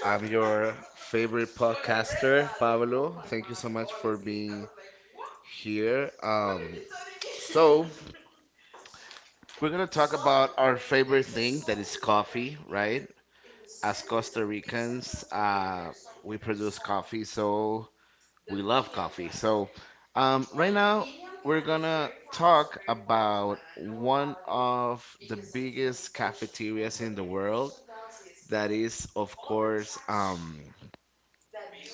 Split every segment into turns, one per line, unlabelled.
I'm your favorite podcaster, Pablo. Thank you so much for being here. So we're gonna talk about our favorite thing that is coffee, right? As Costa Ricans, we produce coffee, so we love coffee. Right now we're gonna talk about one of the biggest cafeterias in the world that is of course um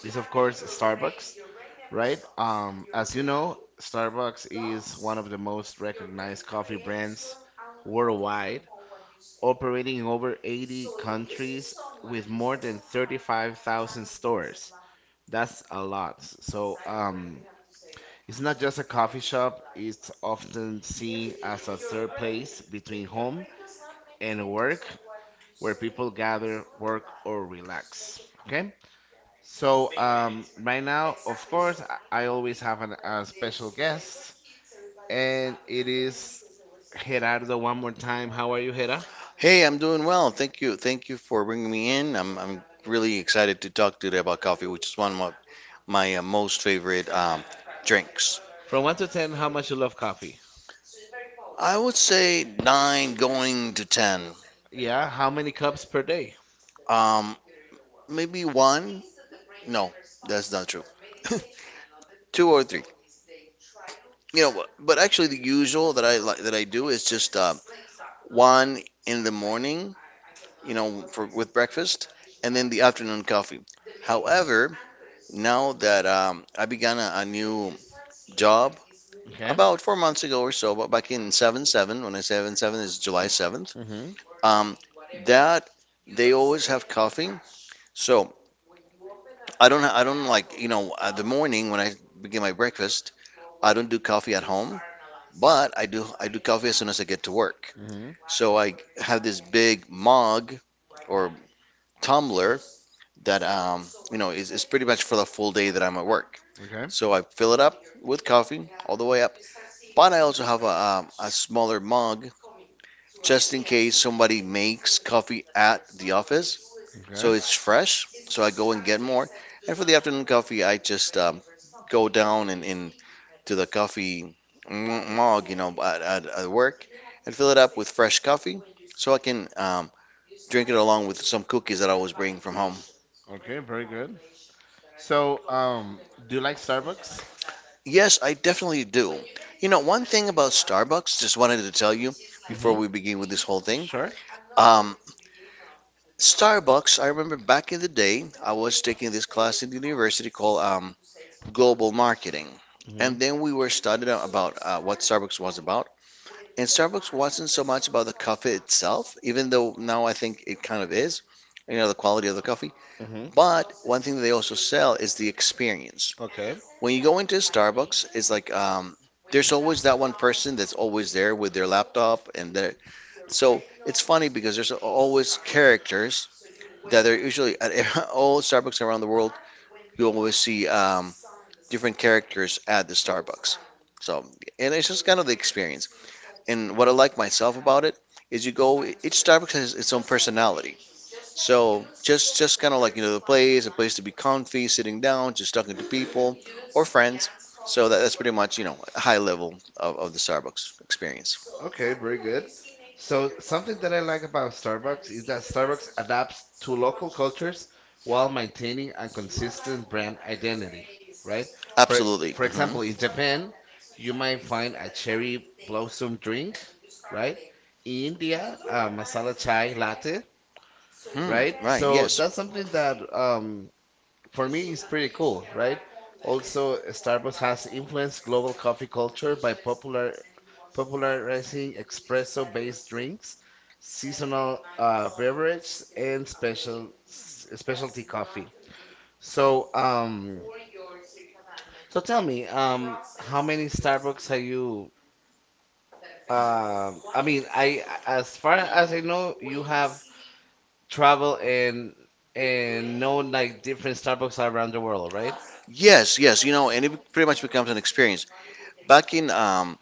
is of course Starbucks, right? As you know, Starbucks is one of the most recognized coffee brands worldwide, operating in over 80 countries with more than 35,000 stores. That's a lot. So it's not just a coffee shop, it's often seen as a third place between home and work where people gather, work or relax. Okay? Right now, of course, I always have a special guest, and it is Gerardo. One more time, how are you, Gera?
Hey, I'm doing well. Thank you. Thank you for bringing me in. I'm really excited to talk today about coffee, which is one of my most favorite drinks.
From one to ten, how much you love coffee?
I would say 9 going to 10.
Yeah, how many cups per day?
Um, maybe one. No, that's not true. 2 or 3. But actually the usual that I like that I do is just one in the morning. You know, for with breakfast, and then the afternoon coffee. However, now that I began a new job
Okay.
about 4 months ago or so, but back in 7-7, when I say 7-7 is July 7th,
Mhm.
um, that they always have coffee. So I don't like, you know, at the morning when I begin my breakfast, I don't do coffee at home, but I do coffee as soon as I get to work.
Mhm.
So I have this big mug or tumbler that you know, is pretty much for the full day that I'm at work.
Okay.
So I fill it up with coffee all the way up. But I also have a smaller mug just in case somebody makes coffee at the office.
Okay.
So it's fresh. So I go and get more. And for the afternoon coffee, I just go down and in to the coffee mug, you know, at work and fill it up with fresh coffee so I can drink it along with some cookies that I was bringing from home.
Okay. Very good. So, do you like Starbucks?
Yes, I definitely do. You know, one thing about Starbucks, just wanted to tell you before
Mhm.
we begin with this whole thing.
Sure.
Um, Starbucks, I remember back in the day, I was taking this class in the university called Global Marketing.
Mhm.
And then we were studying about what Starbucks was about. And Starbucks wasn't so much about the coffee itself, even though now I think it kind of is, you know, the quality of the coffee.
Mhm.
But one thing that they also sell is the experience.
Okay.
When you go into Starbucks, it's like there's always that one person that's always there with their laptop and their. So it's funny because there's always characters that are usually at all Starbucks around the world. You always see different characters at the Starbucks. So, and it's just kind of the experience. And what I like myself about it is you go. Each Starbucks has its own personality. So just kind of like you know the place, a place to be comfy, sitting down, just talking to people or friends. So that's pretty much you know a high level of the Starbucks experience.
Okay, very good. So something that I like about Starbucks is that Starbucks adapts to local cultures while maintaining a consistent brand identity, right? For
Absolutely.
Absolutely. For
Hmm
example, in Japan, you might find a cherry blossom drink, right? In India, a masala chai latte. Mhm, right?
Hmm,
Right.
right.
So
Yes.
that's something that for me it's pretty cool, right? Also, Starbucks has influenced global coffee culture by popularizing espresso-based drinks, seasonal beverages, and specialty coffee. So, so tell me, how many Starbucks have you? I mean, I as far as I know, you have traveled and known like different Starbucks around the world, right?
Yes, yes, you know, and it pretty much becomes an experience. Back in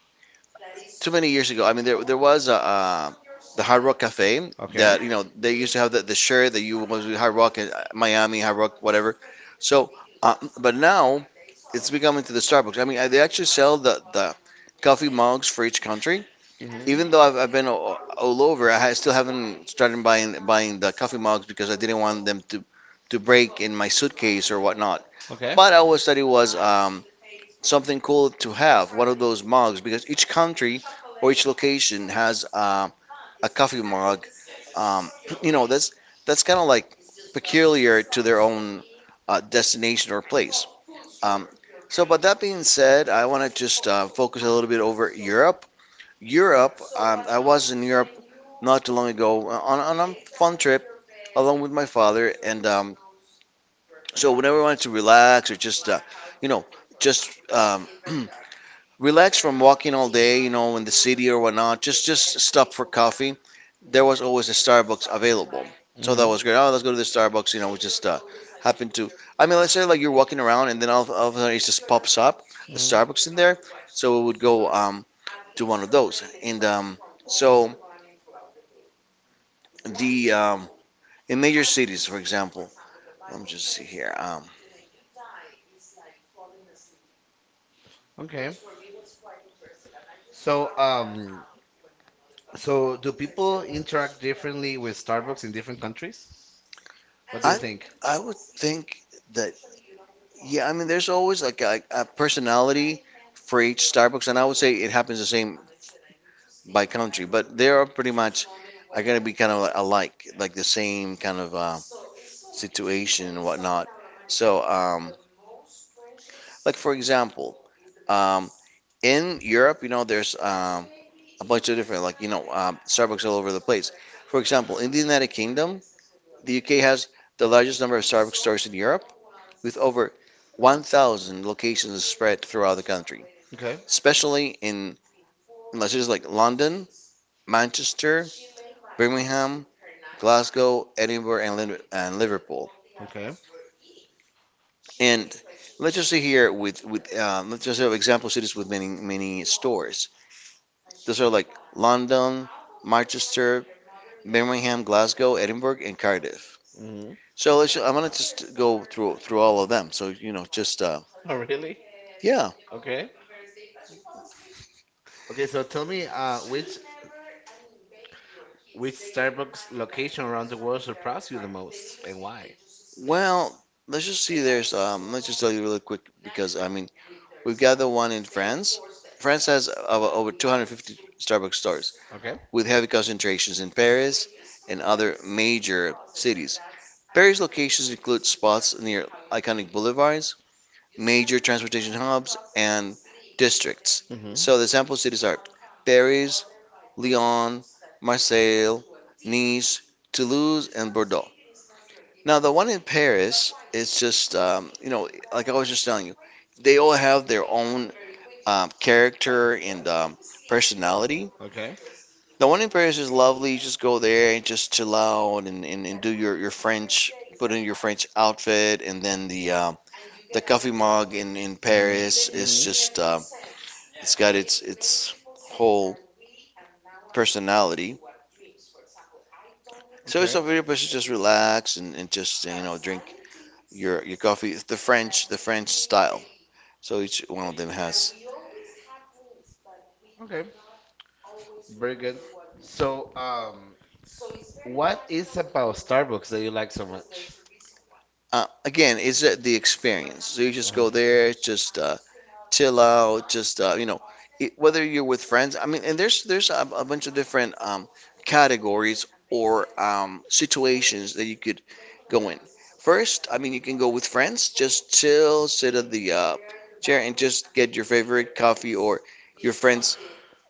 too many years ago, I mean, there was the Hard Rock Cafe
Okay.
that you know they used to have the shirt that you was with Hard Rock Miami, Hard Rock, whatever. So, uh, but now it's becoming to the Starbucks. I mean, they actually sell the coffee mugs for each country.
Hmm.
Even though I've been all over, still haven't started buying the coffee mugs because I didn't want them to break in my suitcase or whatnot.
Okay.
But I always thought it was something cool to have one of those mugs because each country or each location has a coffee mug. Um, you know, that's kind of like peculiar to their own destination or place. Um, but that being said, I want to just focus a little bit over Europe. Europe, I was in Europe not too long ago on a fun trip along with my father. And so whenever I wanted to relax or just, you know, just um, relax from walking all day, you know, in the city or whatnot, just stop for coffee. There was always a Starbucks available.
Because
So that was great. Oh, let's go to
hmm.
the Starbucks. You know, we just happened to. I mean, let's say like you're walking around and then all of a sudden it just pops up, the
Hmm.
Starbucks in there. So we would go to one of those. And so The in major cities, for example, let me just see here.
Okay. So, so do people interact differently with Starbucks in different countries? What do you
I
think?
I would think that yeah, I mean, there's always like a personality for each Starbucks, and I would say it happens the same by country, but they are pretty much are gonna be kind of alike, like the same kind of situation and whatnot. So, like for example, um, in Europe, you know, there's a bunch of different like you know Starbucks all over the place. For example, in the United Kingdom, the UK has the largest number of Starbucks stores in Europe, with over 1,000 locations spread throughout the country,
Okay.
especially in, like cities like London, Manchester, Birmingham, Glasgow, Edinburgh, and Liverpool.
Okay.
And let's just say here with let's just have example cities with many stores. Those are like London, Manchester, Birmingham, Glasgow, Edinburgh, and Cardiff.
Hmm.
So let's, I'm gonna just go through all of them. So you know, just
Oh, really?
yeah.
Okay. Okay, so tell me, which Starbucks location around the world surprised you the most and why?
Well, let's just see. There's let's just tell you really quick because I mean we've got the one in France. France has over 250 Starbucks stores
Okay.
with heavy concentrations in Paris and other major cities. Paris locations include spots near iconic boulevards, major transportation hubs, and districts.
Hmm.
So the sample cities are Paris, Lyon, Marseille, Nice, Toulouse, and Bordeaux. Now the one in Paris is just you know like I was just telling you, they all have their own character and personality.
Okay.
The one in Paris is lovely. You just go there and just chill out and do your French, put in your French outfit, and then the coffee mug in
Hmm.
Paris is
Hmm.
just it's got its whole personality. So it's
Okay.
a very place to just relax and just you know drink your coffee the French style. So each one of them has.
Okay. Very good. So, what is about Starbucks that you like so much?
Again, it's the experience. So you just
Uh-huh.
go there, just chill out, just you know, it, whether you're with friends. I mean, and there's a bunch of different categories or situations that you could go in. First, I mean, you can go with friends, just chill, sit at the chair, and just get your favorite coffee or your friends.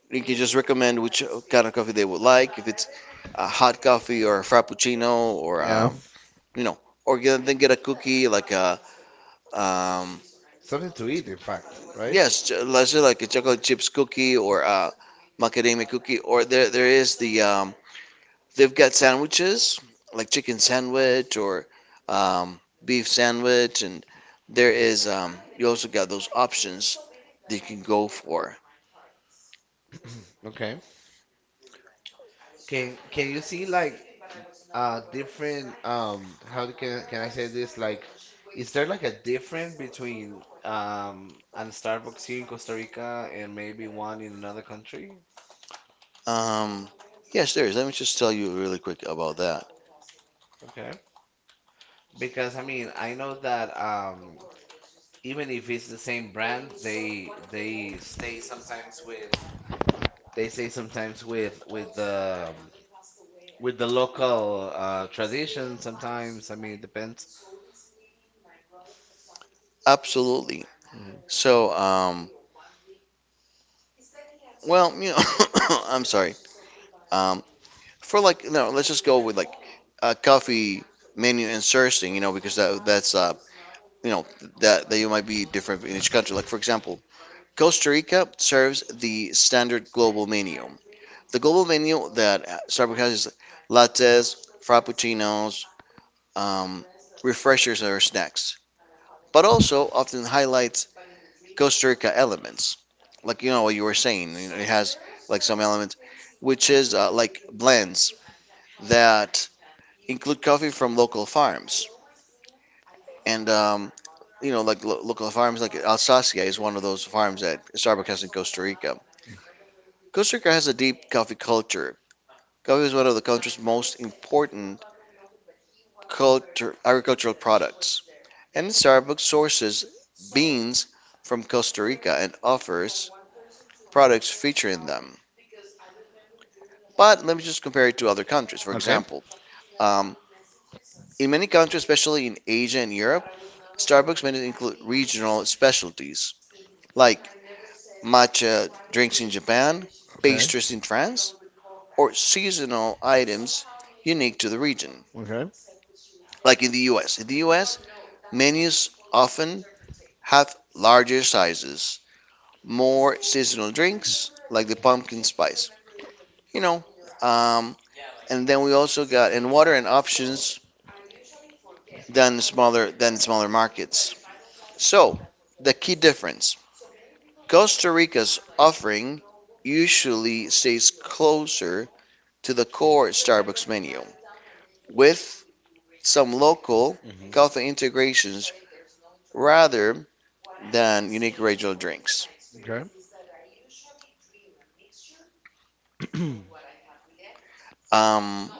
You can just recommend which kind of coffee they would like. If it's a hot coffee or a frappuccino or
Yeah.
you know, or get, then get a cookie like a um,
Something to eat, in fact, right?
yes, let's say like a chocolate chips cookie or a macadamia cookie, or there is they've got sandwiches like chicken sandwich or um, beef sandwich, and there is you also got those options that you can go for.
Okay. Can you see like different how do- can I say this like is there like a difference between a Starbucks here in Costa Rica and maybe one in another country?
Um, yes, there is. Let me just tell you really quick about that.
Okay. Because I mean, I know that even if it's the same brand, they say sometimes with the with the local tradition sometimes. I mean, it depends.
Absolutely.
Mhm.
So, well, you know, I'm sorry. Um, For like no, let's just go with like a coffee menu and sourcing, you know, because that that's you know that you might be different in each country. Like for example, Costa Rica serves the standard global menu. The global menu that Starbucks has is lattes, frappuccinos, um, refreshers or snacks, but also often highlights Costa Rica elements. Like you know what you were saying, you know, it has like some elements, which is like blends that include coffee from local farms. And you know, like local farms, like Alsacia is one of those farms that Starbucks has in Costa Rica. Costa Rica has a deep coffee culture. Coffee is one of the country's most important culture, agricultural products. And Starbucks sources beans from Costa Rica and offers products featuring them. But let me just compare it to other countries. For example, um, in many countries, especially in Asia and Europe, Starbucks may include regional specialties like matcha drinks in Japan, pastries in France, or seasonal items unique to the region,
Okay.
like in the US. In the US, menus often have larger sizes, more seasonal drinks, like the pumpkin spice, you know. Um, and then we also got and water and options than smaller markets. So the key difference, Costa Rica's offering usually stays closer to the core Starbucks menu, with some local coffee integrations rather than unique regional drinks.
Okay.
Um,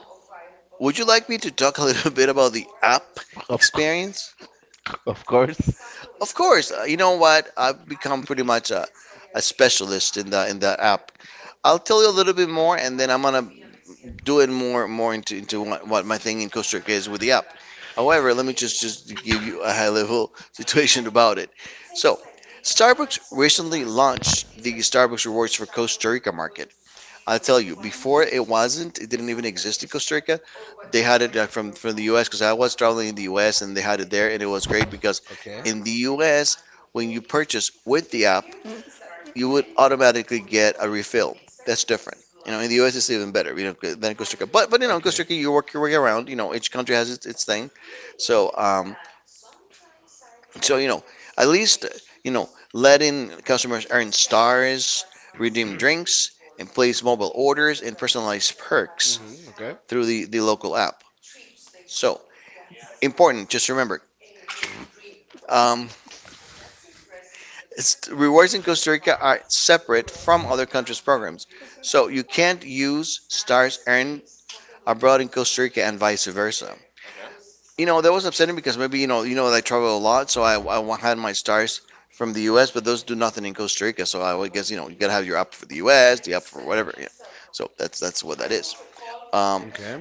would you like me to talk a little bit about the app
Of
experience?
of course.
Of course. You know what? I've become pretty much a specialist in the app. I'll tell you a little bit more, and then I'm gonna Doing more into, what my thing in Costa Rica is with the app. However, let me just give you a high level situation about it. So, Starbucks recently launched the Starbucks Rewards for Costa Rica market. I'll tell you, before it wasn't, it didn't even exist in Costa Rica. They had it, from the U.S., because I was traveling in the U.S. and they had it there, and it was great because
Okay.
in the U.S., when you purchase with the app,
In
you would automatically get a refill. That's different. You know, in the U.S. it's even better, you know, than Costa Rica. But you know, in Costa Rica you work your way around. You know, each country has its thing. So um, so, you know, at least, you know, letting customers earn stars, redeem drinks, and place mobile orders and personalized perks
hmm. Okay.
through the local app. So important. Just remember. Um, rewards in Costa Rica are separate from other countries' programs, so you can't use stars earned abroad in Costa Rica and vice versa. You know, that was upsetting because, maybe, you know, I travel a lot, so I had my stars from the U.S., but those do nothing in Costa Rica. So, I would guess, you know, you gotta have your app for the U.S., the app for whatever. Yeah. So that's what that is. Um,
Okay.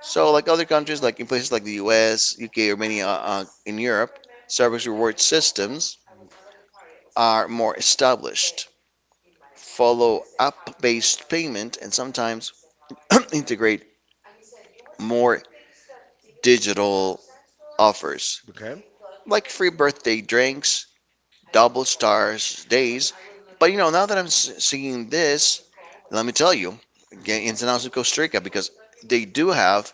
so, like other countries, like in places like the U.S., U.K., or many, in Europe, service reward systems are more established, follow app-based payment, and sometimes integrate more digital offers,
Okay.
like free birthday drinks, double stars days. But you know, now that seeing this, let me tell you, again, in San Jose, Costa Rica, because they do have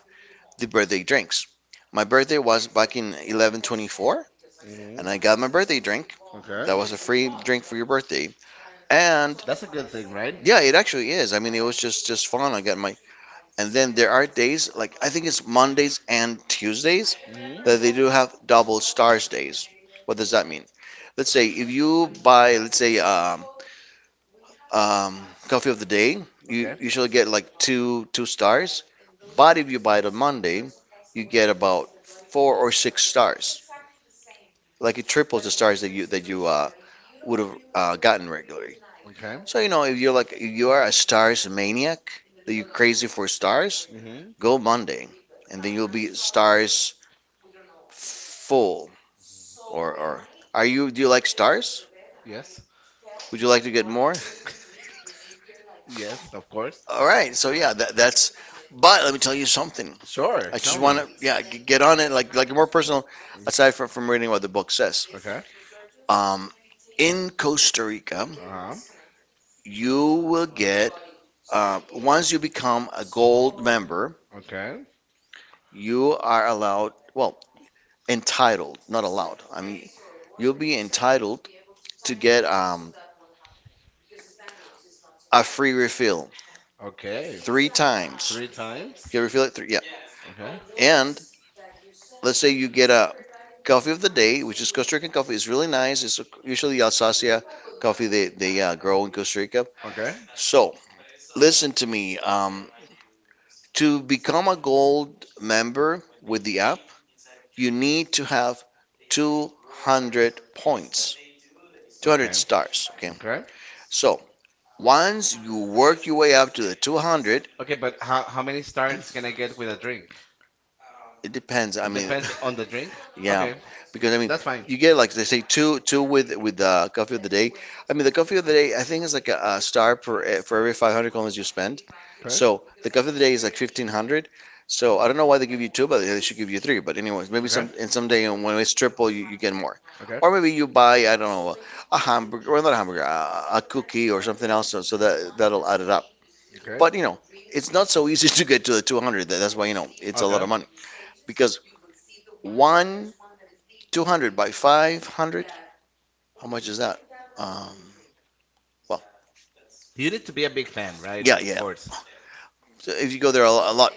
the birthday drinks. My birthday was back in 11/24, and
Mm-hmm.
I got my birthday drink.
Okay.
That was a free drink for your birthday, and,
A good thing, right?
yeah, it actually is. I mean, it was just fun. I got my and then there are days, like, I think it's Mondays and Tuesdays,
Mm-hmm.
that they do have double stars days. What does that mean? Let's say if you buy, let's say, um, coffee of the day, you usually
You.
get like two stars. But if you buy it on Monday, you get about four or six stars. Like, it triples the stars that you would have gotten regularly.
Okay.
So, you know, if you are a stars maniac, that you're crazy for stars,
Mm-hmm.
go Monday, and then you'll be stars full. Or, are you? Do you like stars?
Yes.
Would you like to get more?
Yes, of course.
All right. So, yeah, that, that's. But let me tell you something.
Sure.
I just want to,
Me.
yeah, get on it, like more personal. Aside from reading what the book says,
Okay.
um, in Costa Rica,
Uh-huh.
you will get, once you become a gold member,
Okay.
you are allowed, well, entitled, not allowed. I mean, you'll be entitled to get, a free refill
Okay. Three
three
times.
times.
Three times.
You refill it three, yeah.
Yeah. Okay. And
And let's say you get a coffee of the day, which is Costa Rican coffee. It's really nice. It's usually Alsacia coffee they grow in Costa Rica.
how Okay. Many
So, listen to me. To become a gold member with the app, you need to have 200 points,
starts
200
Okay. with
stars. Okay.
dots? Okay.
So, once you work your way up to the 200,
Okay, but how many stars can I get with a drink?
it depends. I
Depends on It the drink.
mean,
Depends on the drink. Yeah.
yeah,
Okay. Because
because,
I
I
mean,
mean,
that's fine.
you
You
get like they say two with the coffee of the day.
take.
I mean, the coffee of the day, I think, is like a star per, for every 500 coins you spend.
Okay. So
So the coffee of the day is like 1500. So, I don't know why they give you two, but they should give you three. But, anyways, maybe
let's. Okay. Say.
someday when it's triple, you get more.
Okay. Okay.
Or
But you
maybe
know
you buy, I don't know, a hamburger, or not a hamburger, a cookie, or something else, so that that'll add it up.
it's
But, you know, it's not so easy to get to the 200. That's why, you know, it's a
Okay.
lot of
Not
money because one 200 by 500, how much is that? Um, well,
you need to be a big fan, right? Yeah,
yeah,
of
yeah.
course.
So, if you go there, a lot,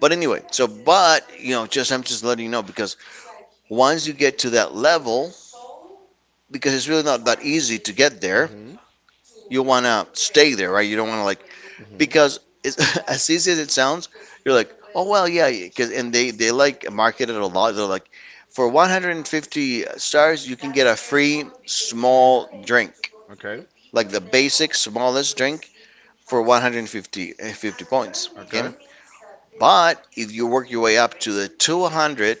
but, anyway, so, but, you know, just I'm just letting you know because once you get to that level, because it's really not that easy to get
Correct.
there.
Mhm.
You want to stay there, right? You don't want to, like,
Mhm. Because
because it's as easy as it sounds. You're like, oh, well, yeah, because and they like market it a lot. They're like, for 150 stars, you can get a free small drink,
Okay.
like the basic smallest drink for 150, 50 points.
Okay.
Okay. But if you work your way up to the 200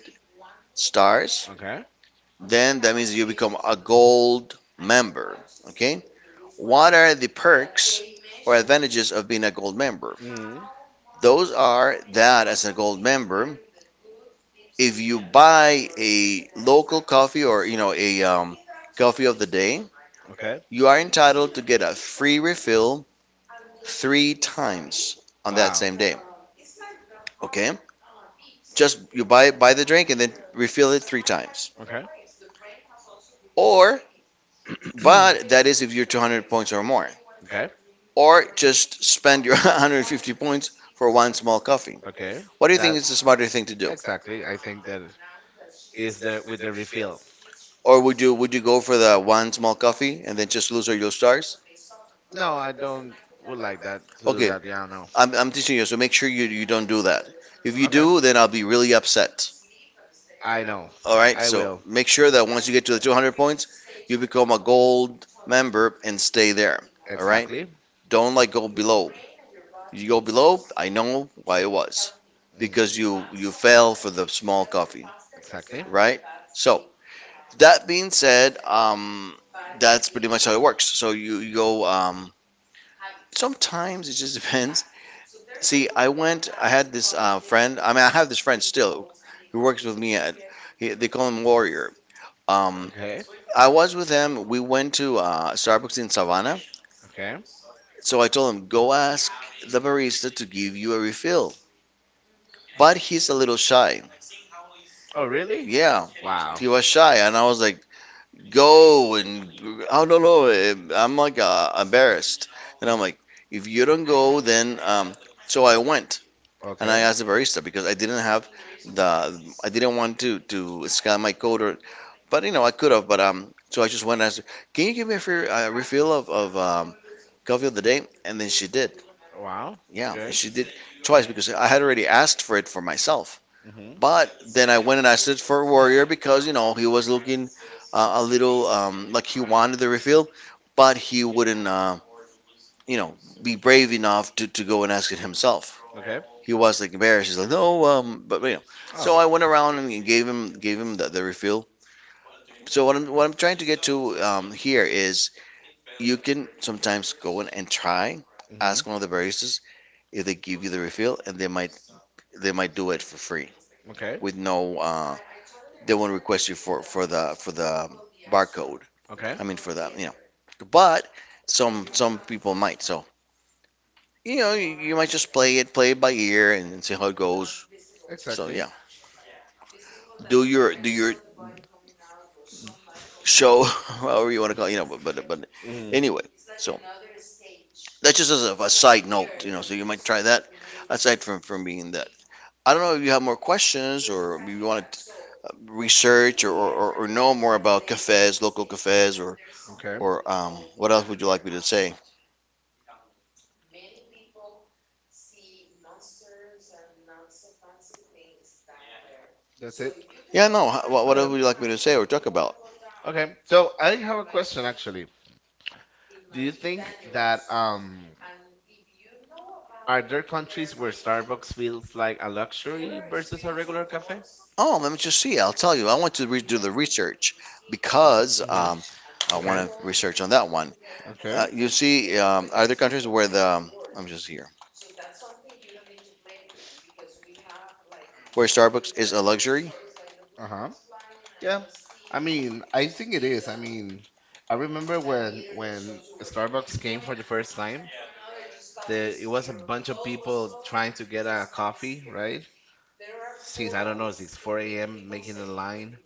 Stars.
stars,
Okay.
then that means you become a gold member. Okay? What are the perks or advantages of being a gold member?
Mhm.
Those are that, as a gold member, if you buy a local coffee, or, you know, a coffee of the day,
Okay. The
you are entitled to get a free refill three times on
Wow.
that
Same
same
day.
day. Okay? Just you buy the drink and then refill it three times.
Okay.
Or But that is if you're 200 points or more.
Okay,
Or just spend your 150 points for one small coffee.
okay.
What do you think
That
is the smarter thing to do?
exactly. I think that is there with the refill.
Or would you go for the one small coffee and then just lose all your stars?
No, I don't would like that to do
Okay,
that. Yeah, no.
I'm teaching you, so make sure you don't do that. If you
Okay.
do, then I'll be really upset.
I know.
All right,
I
so
will.
make sure that once you get to the 200 points, you become a gold member and stay there. All right?
Exactly.
Don't, like, go below. You go below, I know why it was.
Mm,
Because you fell for the small coffee,
exactly.
right? So, that being said, that's pretty much how it works. So, you go. Sometimes it just depends. See, I went. I had this, friend. I mean, I have this friend still, who works with me at. He, they call him Warrior. Um,
Okay.
I was with him. We went to, Starbucks in Savannah.
Okay.
So, I told him, go ask the barista to give you a refill. But he's a little shy.
Oh, really?
Yeah,
Wow.
he was shy, and I was like, go. And I don't know, I'm like, embarrassed, and I'm like, if you don't go, then. So, I went and I
Okay.
asked the barista, because I didn't want to scan my code, or, but, you know, I could have, but. So, I just went and asked her, can you give me a free, refill of coffee of the day? And then she did.
Wow.
Yeah,
Okay.
she did, twice, because I had already asked for it for myself.
Mhm.
But then I went and I searched for Warrior, because, you know, he was looking, a little, like, he wanted the refill, but he wouldn't, you know, be brave enough to go and ask it himself.
Okay.
He was like embarrassed. He's like, no, but, you know. So,
Oh.
I went around and gave him the refill. So, what I'm trying to get to, here, is you can sometimes go in and try,
Mhm.
ask one of the baristas if they give you the refill, and they might do it for free,
Okay.
with no, they won't request you for, for the barcode.
Okay.
I mean, for the, you know, but some people might. So, you know, you might just play it by ear, and see how it goes. So,
Exactly.
yeah, do your show, however you want to call it, you know. But,
Mm-hmm.
anyway, so, that's just as a side note, you know. So, you might try that, aside from being that. I don't know if you have more questions, or if you want to research, or know more about cafes, local cafes, or
Okay.
what else would you like me to say?
That's it.
Yeah, no. What
Okay.
else would you like me to say or talk about?
Okay. So I have a question actually. Do you think that are there countries where Starbucks feels like a luxury versus a regular cafe?
Oh, let me just see. I'll tell you. I want to do the research, because,
Mm-hmm.
I
Okay.
want to research on that one.
Okay.
You see, are there countries where the, I'm just here, where Starbucks is a luxury?
Uh-huh. Yeah. I mean, I think it is. I mean, I remember when Starbucks came for the first time, there it was a bunch of people trying to get a coffee, right? Since I don't know, since 4 a.m. making the line.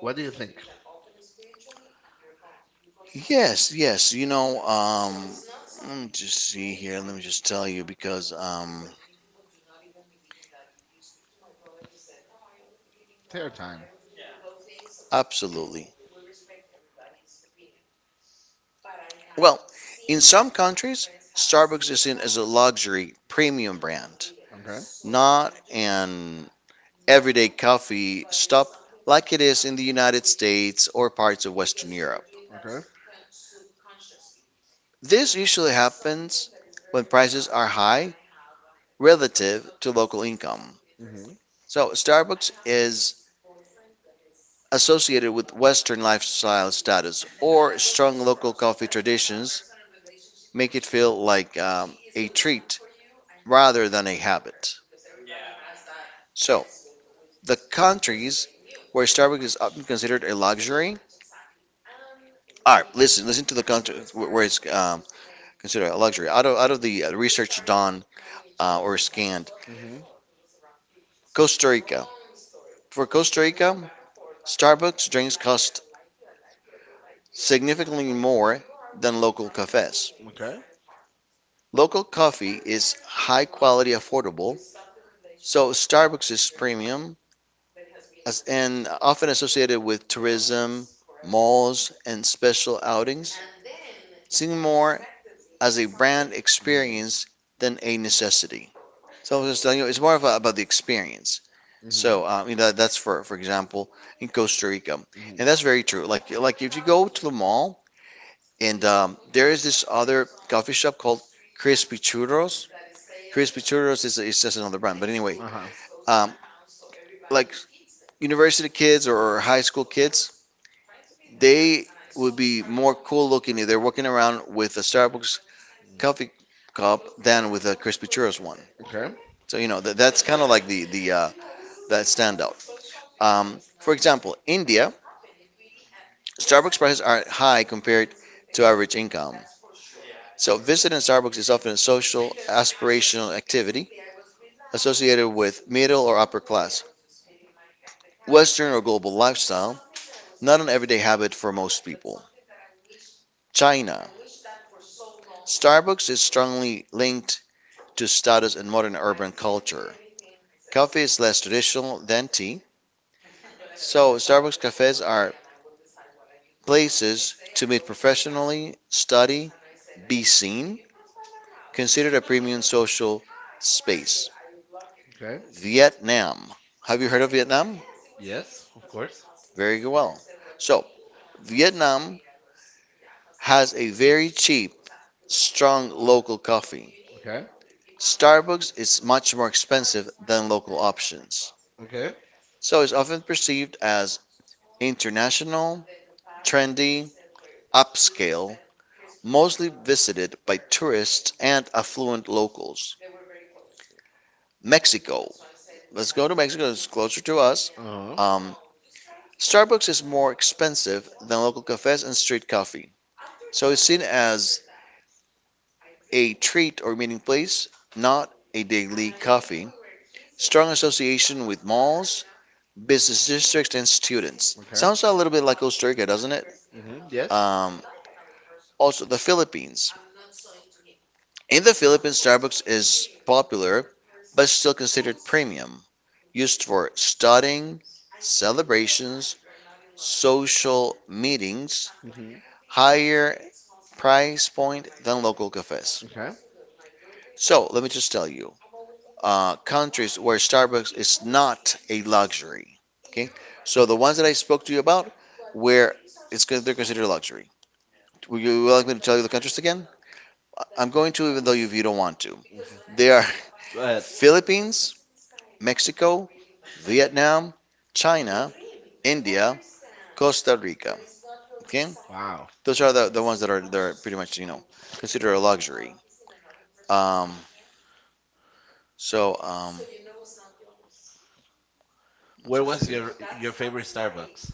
What do you think?
Yes, yes. You know, let me just see here. Let me just tell you because,
Take your time.
absolutely. Well, in some countries, Starbucks is seen as a luxury premium brand,
Okay.
not an everyday coffee stop like it is in the United States or parts of Western Europe.
Okay.
This usually happens when prices are high relative to local income.
Mhm.
So, Starbucks is associated with Western lifestyle status or strong local coffee traditions, make it feel like a treat rather than a habit. So, the countries where Starbucks is often considered a luxury, all right. Listen, listen to the country where it's considered a luxury. Out of the research done, or scanned,
Mhm.
Costa Rica. For Costa Rica, Starbucks drinks cost significantly more than local cafes.
Okay.
Local coffee is high quality, affordable, so Starbucks is premium as, and often associated with tourism, malls, and special outings. Seymour as a brand
Mhm.
experience than a necessity. So I was just telling you, it's more of a, about the experience.
Mhm.
So I mean that's for example in Costa Rica, and that's very true. Like if you go to the mall and there is this other coffee shop called Crispy Churros. Crispy
Mhm.
Churros is just another brand, but anyway,
Uh huh.
um, like university kids or high school kids, they would be more cool looking if they're walking around with a Starbucks coffee cup than with a Crispy Churros one.
Okay.
So you know that's kind of like the that standout. For example, India, Starbucks prices are high compared to average income. So visiting Starbucks is often a social aspirational activity associated with middle or upper class, Western or global lifestyle, not an everyday habit for most people. China, Starbucks is strongly linked to status and modern urban culture. Coffee is less traditional than tea, so Starbucks cafes are places to meet professionally, study, be seen, considered a premium social space.
Okay.
Vietnam. Have you heard of Vietnam?
Yes, of course.
Very well. So, Vietnam has a very cheap, strong local coffee.
Okay.
Starbucks is much more expensive than local options.
Okay.
So, it's often perceived as international, trendy, upscale, mostly visited by tourists and affluent locals. Mexico. Let's go to Mexico. It's closer to us.
Uh huh.
Um, Starbucks is more expensive than local cafes and street coffee, so it's seen as a treat or meeting place, not a daily coffee. Strong association with malls, business districts, and students.
Okay.
Sounds a little bit like Costa Rica, doesn't it?
Mhm. Yes.
Also, the Philippines. In the Philippines, Starbucks is popular but still considered premium, used for studying, celebrations, social meetings,
Mhm.
higher price point than local cafes.
Okay.
So let me just tell you, countries where Starbucks is not a luxury. Okay, so the ones that I spoke to you about, where they're considered luxury. Would you like me to tell you the countries again? I'm going to, even though you don't want to.
Mhm.
They are
Go ahead.
Philippines, Mexico, Vietnam, China, India, Costa Rica. Okay,
Wow.
those are the ones that are they're pretty much, you know, considered a luxury. Um, So, um,
Where
let's
was
see.
your favorite Starbucks?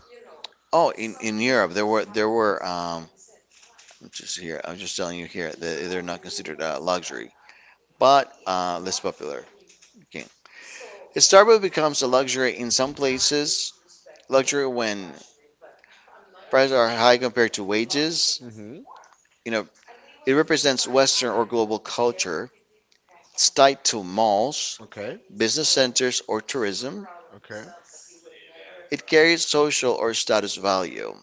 Oh, in Europe, there were I'm just here. I'm just telling you here that they're not considered luxury, but less popular. Okay, Starbucks becomes a luxury in some places. Luxury when prices are high compared to wages.
Mm-hmm.
You know, it represents Western or global culture. It's tied to malls,
Okay.
business centers, or tourism.
Okay.
It carries social or status value.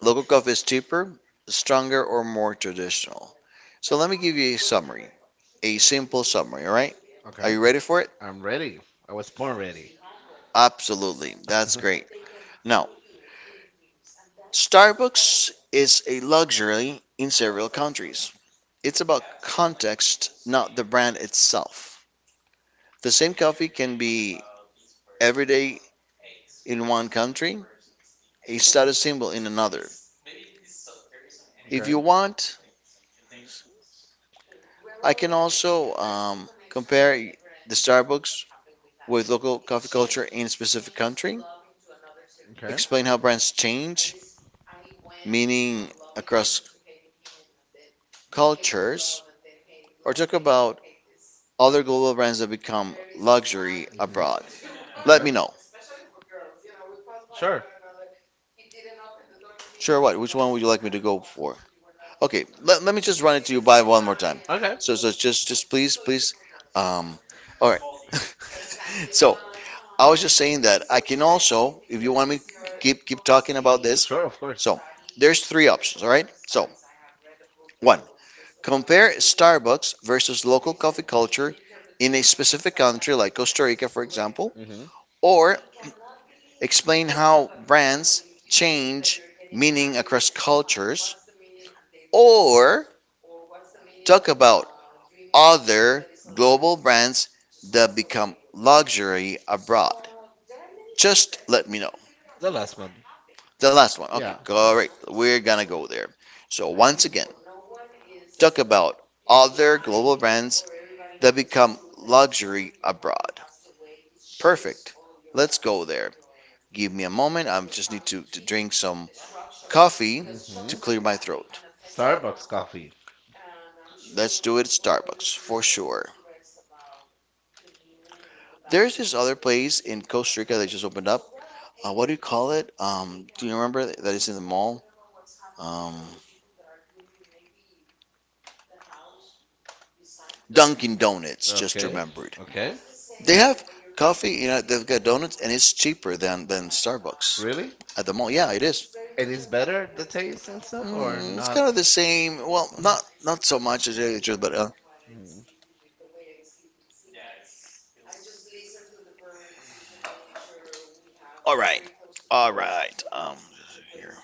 Local coffee is cheaper, stronger, or more traditional. So let me give you a summary, a simple summary, all right? Are
Okay.
you ready for it?
I'm ready. I was born ready.
Absolutely. That's great. Now, Starbucks is a luxury in several countries. It's about context, not the brand itself. The same coffee can be everyday in one country, a status symbol in another. If
Okay.
you want, I can also compare the Starbucks with local coffee culture in a specific country.
Okay.
Explain how brands change, meaning across cultures, or talk about
Mm-hmm.
other global brands that become luxury abroad. Let
Okay.
me know.
Sure.
Sure, what? Which one would you like me to go for? Okay, let me just run it to you by one more time.
Okay.
So, just, just please, please. Um, all right. so I was just saying that I can also, if you want me, to keep talking about this.
Sure, of course.
So there's three options, all right? So one, compare Starbucks versus local coffee culture in a specific country like Costa Rica, for example,
Mm-hmm.
or explain how brands change meaning across cultures, or talk about other global brands that become luxury abroad. Just let me know.
The last one.
The last one. Okay,
Yeah.
great. We're gonna go there. So once again, talk about other global brands that become luxury abroad. Perfect. Let's go there. Give me a moment. I just need to drink some coffee
Mm-hmm.
to clear my throat.
Starbucks coffee.
Let's do it at Starbucks for sure. There's this other place in Costa Rica that just opened up. What do you call it? Do you remember that it's in the mall? Um, Dunkin' Donuts. Just
Okay.
remember,
Okay.
they have coffee, you know, they've got donuts, and it's cheaper than Starbucks
Really?
at the mall. Yeah, it is.
It is better the taste and stuff or
Mm, it's kind of
not?
the same. Well,
Oh,
not so much to tell you the truth, but
mm.
all right, all right. Here,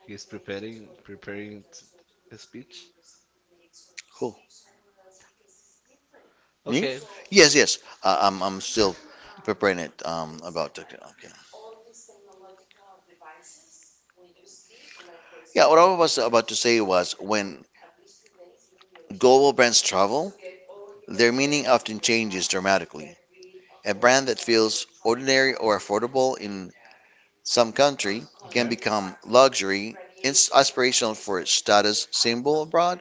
He's a speech.
cool. Me? Okay.
Okay. I,
Yes, yes. I'm still preparing it. About the, okay. Yeah, what I was about to say was when global brands travel, their meaning often changes dramatically. A brand that feels ordinary or affordable in some country can
Okay.
become aspirational for its status symbol abroad.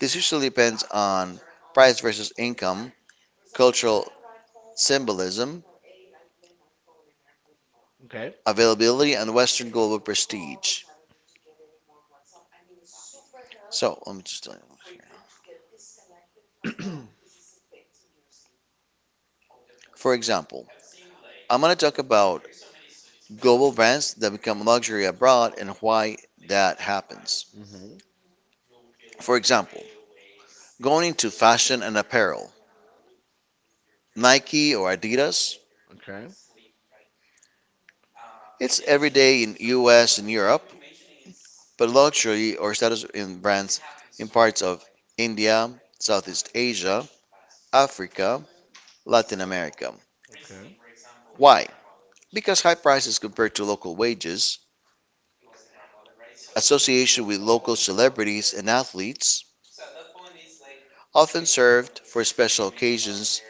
This usually depends on price versus income, cultural symbolism,
Okay.
availability, and Western global prestige. So let me just tell you here. For example, I'm going to talk about global brands that become luxury abroad and why that happens.
Mhm.
For example, going into fashion and apparel, Nike or Adidas,
Okay.
it's every day in US and Europe, but luxury or status in brands in parts of India, Southeast Asia, Africa, Latin America.
Okay.
Why? Because high prices compared to local wages, association with local celebrities and athletes, often served for special occasions,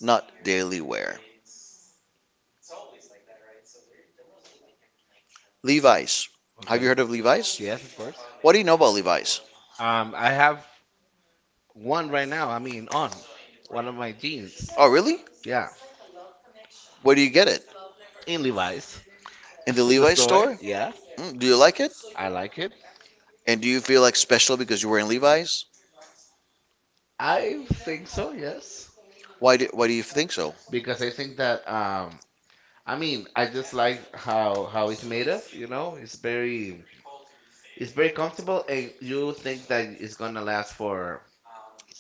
not daily wear. Levi's.
You.
Have you
Okay.
heard of Levi's?
Yes, of course.
What do you know about Levi's?
I have one right now. I mean, on one of my jeans.
Oh, really?
Yeah,
Where do you get it?
in Levi's.
In the
The
Levi's
store.
Store. Store?
Yeah,
Mm, do you like it?
I like it.
And do you feel like special because you're wearing Levi's?
I think so, yes,
Why do you think so?
because I think that I mean, I just like how it's made of, you know? It's very comfortable and you think that it's going to last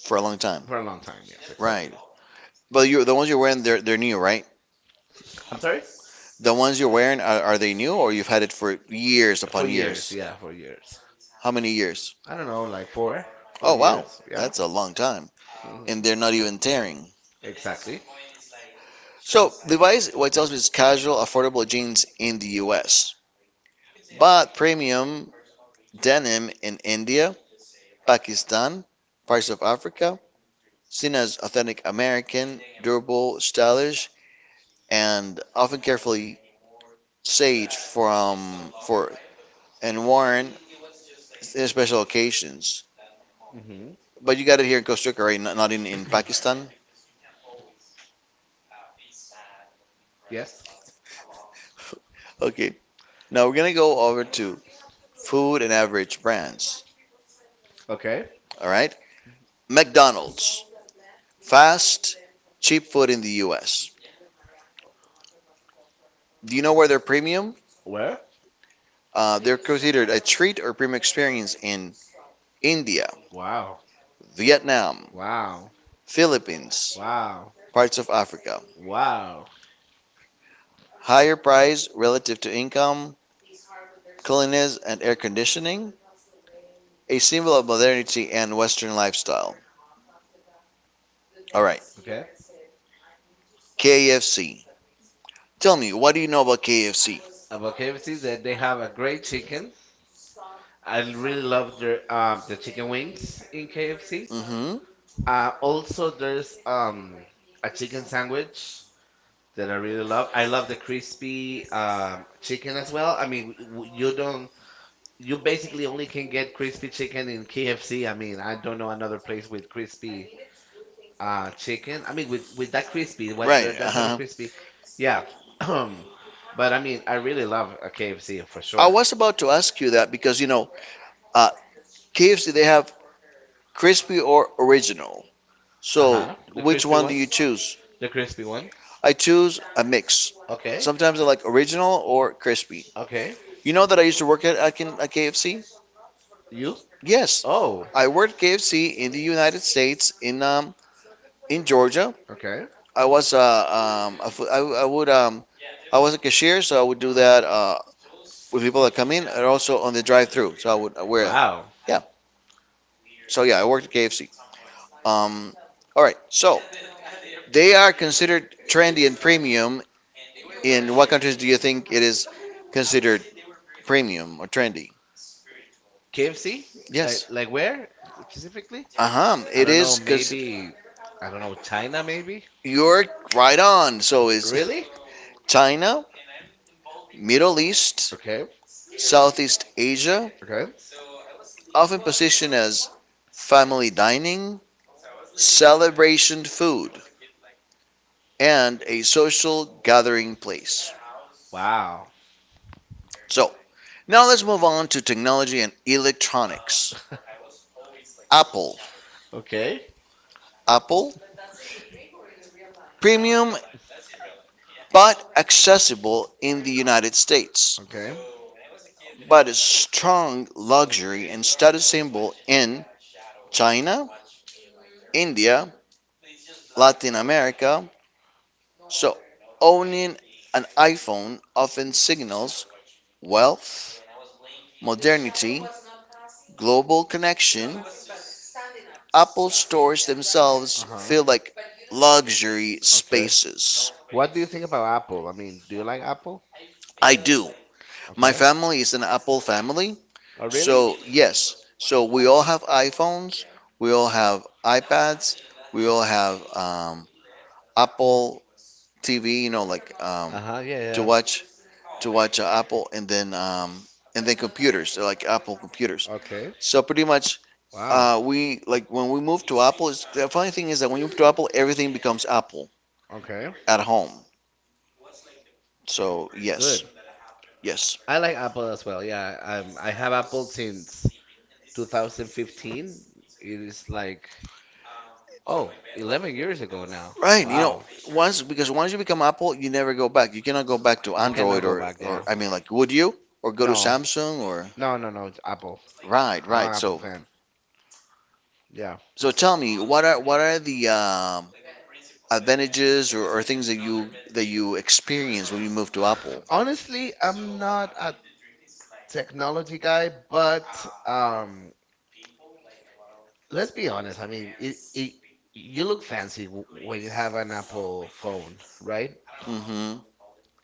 For a long time.
for a long time. Yes,
Right.
exactly.
But you're, the ones you're wearing, they're new, right?
I'm sorry?
The ones you're wearing, are they new or you've had it for years
For
upon
years,
years?
yeah, for years.
How many years?
I don't know, like 4
Oh, wow.
years, yeah.
That's a long time.
Mhm.
And they're not even tearing.
Exactly.
So, Levi's, what it tells me is casual, affordable jeans in the US, but premium denim in India, Pakistan, parts of Africa, seen as authentic American, durable, stylish, and often carefully sage from for and worn in special occasions.
Mhm.
But you got it here in Costa Rica, right? Not in, in Pakistan.
Yes.
Okay. Now we're gonna go over to food and average brands.
Okay.
All right. McDonald's, fast, cheap food in the U.S. Do you know where they're premium?
Where?
They're considered a treat or premium experience in India,
Wow.
Vietnam,
Wow,
Philippines,
wow,
parts of Africa.
wow.
Higher price relative to income, cleanliness, and air conditioning, a symbol of modernity and Western lifestyle. All right,
Okay.
KFC. Tell me, what do you know about KFC?
About KFC, that they have a great chicken. I really love their the chicken wings in KFC.
Mm hmm.
Also there's a chicken sandwich that I really love. I love the crispy chicken as well. I mean, w- w- you don't you basically only can get crispy chicken in KFC. I mean, I don't know another place with crispy chicken. I mean, with that crispy, what
Right.
the,
They.
that
Uh
type of
huh.
crispy, yeah. But I mean, I really love a KFC
Sure.
for
I sure.
sure.
Was about to ask you that because you know, uh, KFC they have crispy or original. So
Uh-huh.
uh-huh,
The
which
crispy
one do you choose?
the crispy one.
I choose a mix.
Okay,
Sometimes I like original or crispy.
okay.
You know that I used to work at KFC?
You?
Yes.
Oh,
I worked KFC in the United States in Georgia.
okay.
I was a fo- I would I was a cashier, so I would do that with people that come in, and also on the drive-through. So I would I wear it.
Wow.
Yeah. So yeah, I worked at KFC. Um, all right. So they are considered trendy and premium. In what countries do you think it is considered premium or trendy?
KFC?
Like, yes,
Like
like,
where specifically?
uh huh.
I
It I
don't know,
is know. Because
maybe, I don't know, China maybe?
you're right on. So is
Really?
China, Middle East,
Okay,
Southeast Asia,
okay.
often positioned as family dining, celebration food, and a social gathering place.
Wow.
So, now let's move on to technology and electronics. Apple.
Okay,
Apple, premium but accessible in the United States,
okay.
but a strong luxury and status symbol in China, India, Latin America, so owning an iPhone often signals wealth, modernity, global connection. Apple stores themselves
Uh-huh.
feel like luxury
Okay.
spaces.
What do you think about Apple? I mean, do you like Apple?
I do. My
Okay.
family is an Apple family,
Oh, really?
so yes. So we all have iPhones, we all have iPads, we all have Apple TV, you know,
Uh-huh, yeah,
to
yeah.
watch to watch Apple and then computers like Apple computers.
Okay.
So pretty much,
Wow.
we like when we moved to Apple. It's, the funny thing is that when you move to Apple, everything becomes Apple
Okay.
at home. So yes,
Good.
yes,
I like Apple as well. Yeah, I have Apple since 2015. It is like, oh, 11 years ago now.
right. You know,
Wow.
once because once you become Apple, you never go back. You cannot go back to Android or
Back, yeah. Or
I mean like would you or go to Samsung or
no, no, no. It's Apple.
right, right.
I'm
So
fan. Yeah.
so tell me what are the advantages or things that you experience when you move to Apple?
Honestly, I'm not a technology guy, but let's be honest. I mean, it, you look fancy w- when you have an Apple phone, right?
Hmm.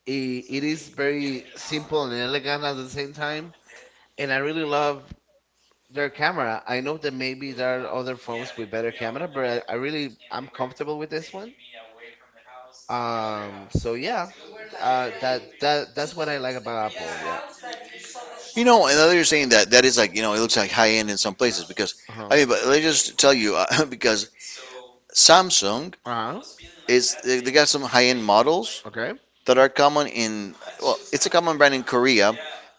It is very simple and elegant at the same time, and I really love their camera. I know that maybe there are other phones with better camera, but I really I'm comfortable with this one. So yeah, that's what I like about Apple. Yeah.
You know, another saying that is like you know it looks like high end in some places because
Uh huh.
I mean, but let me just tell you, because Samsung
Uh huh.
is they got some high end models
Okay.
that are common in, well it's a common brand in Korea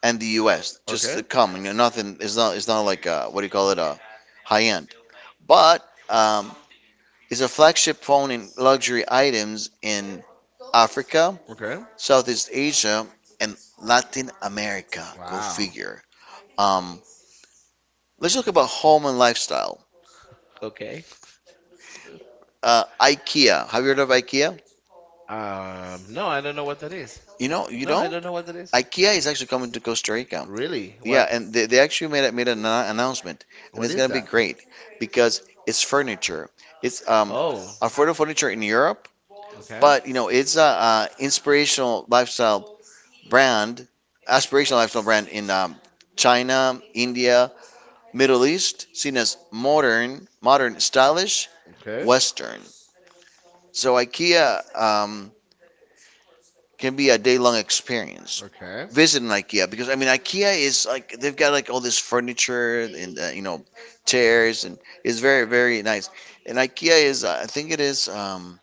and the U.S. Just
Okay.
common, you know, nothing. It's not like what do you call it high end, but it's a flagship phone in luxury items in Africa,
Okay.
Southeast Asia, and Latin America. Go
Wow.
figure. Um, let's talk about home and lifestyle.
Okay.
IKEA. Have you heard of IKEA?
No, I don't know what that is.
You know, you
No, I
don't?
don't know what that is.
IKEA is actually coming to Costa Rica.
Really?
Yeah,
What?
and they actually made an announcement, and
What
it's
is
gonna be great because it's furniture. It's
Oh.
affordable furniture in Europe,
Okay.
but you know it's a, inspirational lifestyle brand, aspirational lifestyle brand in China, India, Middle East, seen as modern, modern, stylish,
Okay.
Western. So IKEA can be a day-long experience
Okay.
visiting IKEA because I mean IKEA is like they've got like all this furniture and you know chairs and it's very nice. And IKEA is I think it is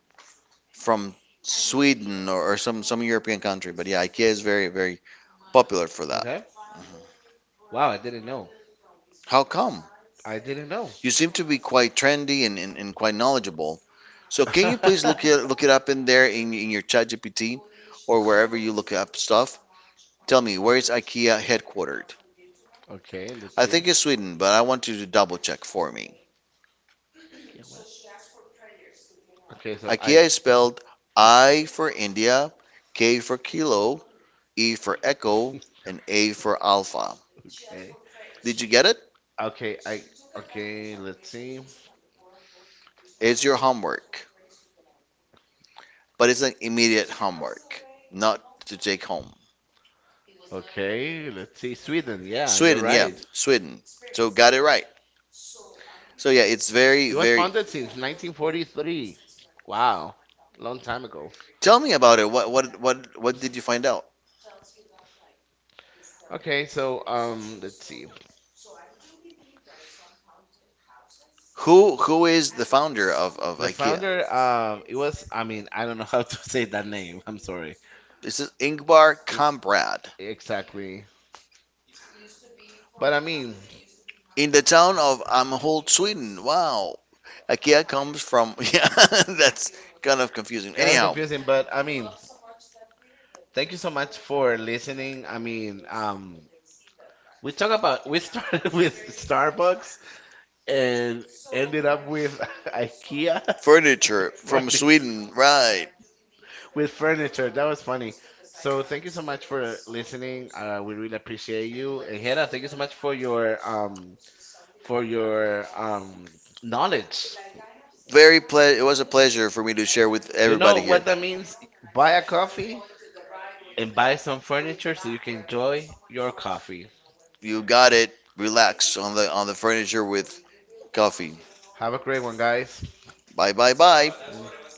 from Sweden or some European country, but yeah, IKEA is very popular for that.
Okay.
Mm-hmm.
Wow, I didn't know.
How come?
I didn't know.
You seem to be quite trendy and quite knowledgeable. So can you please look it up in there in your ChatGPT or wherever you look up stuff. Tell me, where is IKEA headquartered?
Okay, let's
I
see.
think it's Sweden, but I want you to double check for me.
Okay, what? Okay, so I.
IKEA is spelled I for India, K for Kilo, E for Echo, and A for Alpha.
Okay.
Did you get it?
Okay, I okay, let's see.
It's your homework, but it's an immediate homework, not to take home.
Okay, let's see. Sweden, yeah, you're
Sweden, yeah,
right.
Sweden. So got it right. So yeah, it's very,
It was
very.
founded since 1943. Wow, long time ago.
Tell me about it. What did you find out?
Okay, so let's see.
Who is the founder of
The
IKEA?
founder, it was. I mean, I don't know how to say that name. I'm sorry.
This is Ingvar
E-
Kamprad
Exactly. But I mean,
in the town of Amhult, Sweden. Wow. IKEA comes from. Yeah, that's kind of confusing.
kind of
Anyhow,
confusing. But I mean, thank you so much for listening. I mean, we talk about we started with Starbucks and ended up with IKEA.
furniture from
Furniture.
Sweden. Right.
With furniture. That was funny. So thank you so much for listening. We really appreciate you. And Hannah, thank you so much for your for your um knowledge.
It was a pleasure for me to share with
You know
everybody
everyone.
here.
What that means? Buy a coffee and buy some furniture so you can enjoy your coffee.
You got it. Relax on the furniture with coffee.
Have a great one, guys.
Bye.
Mm.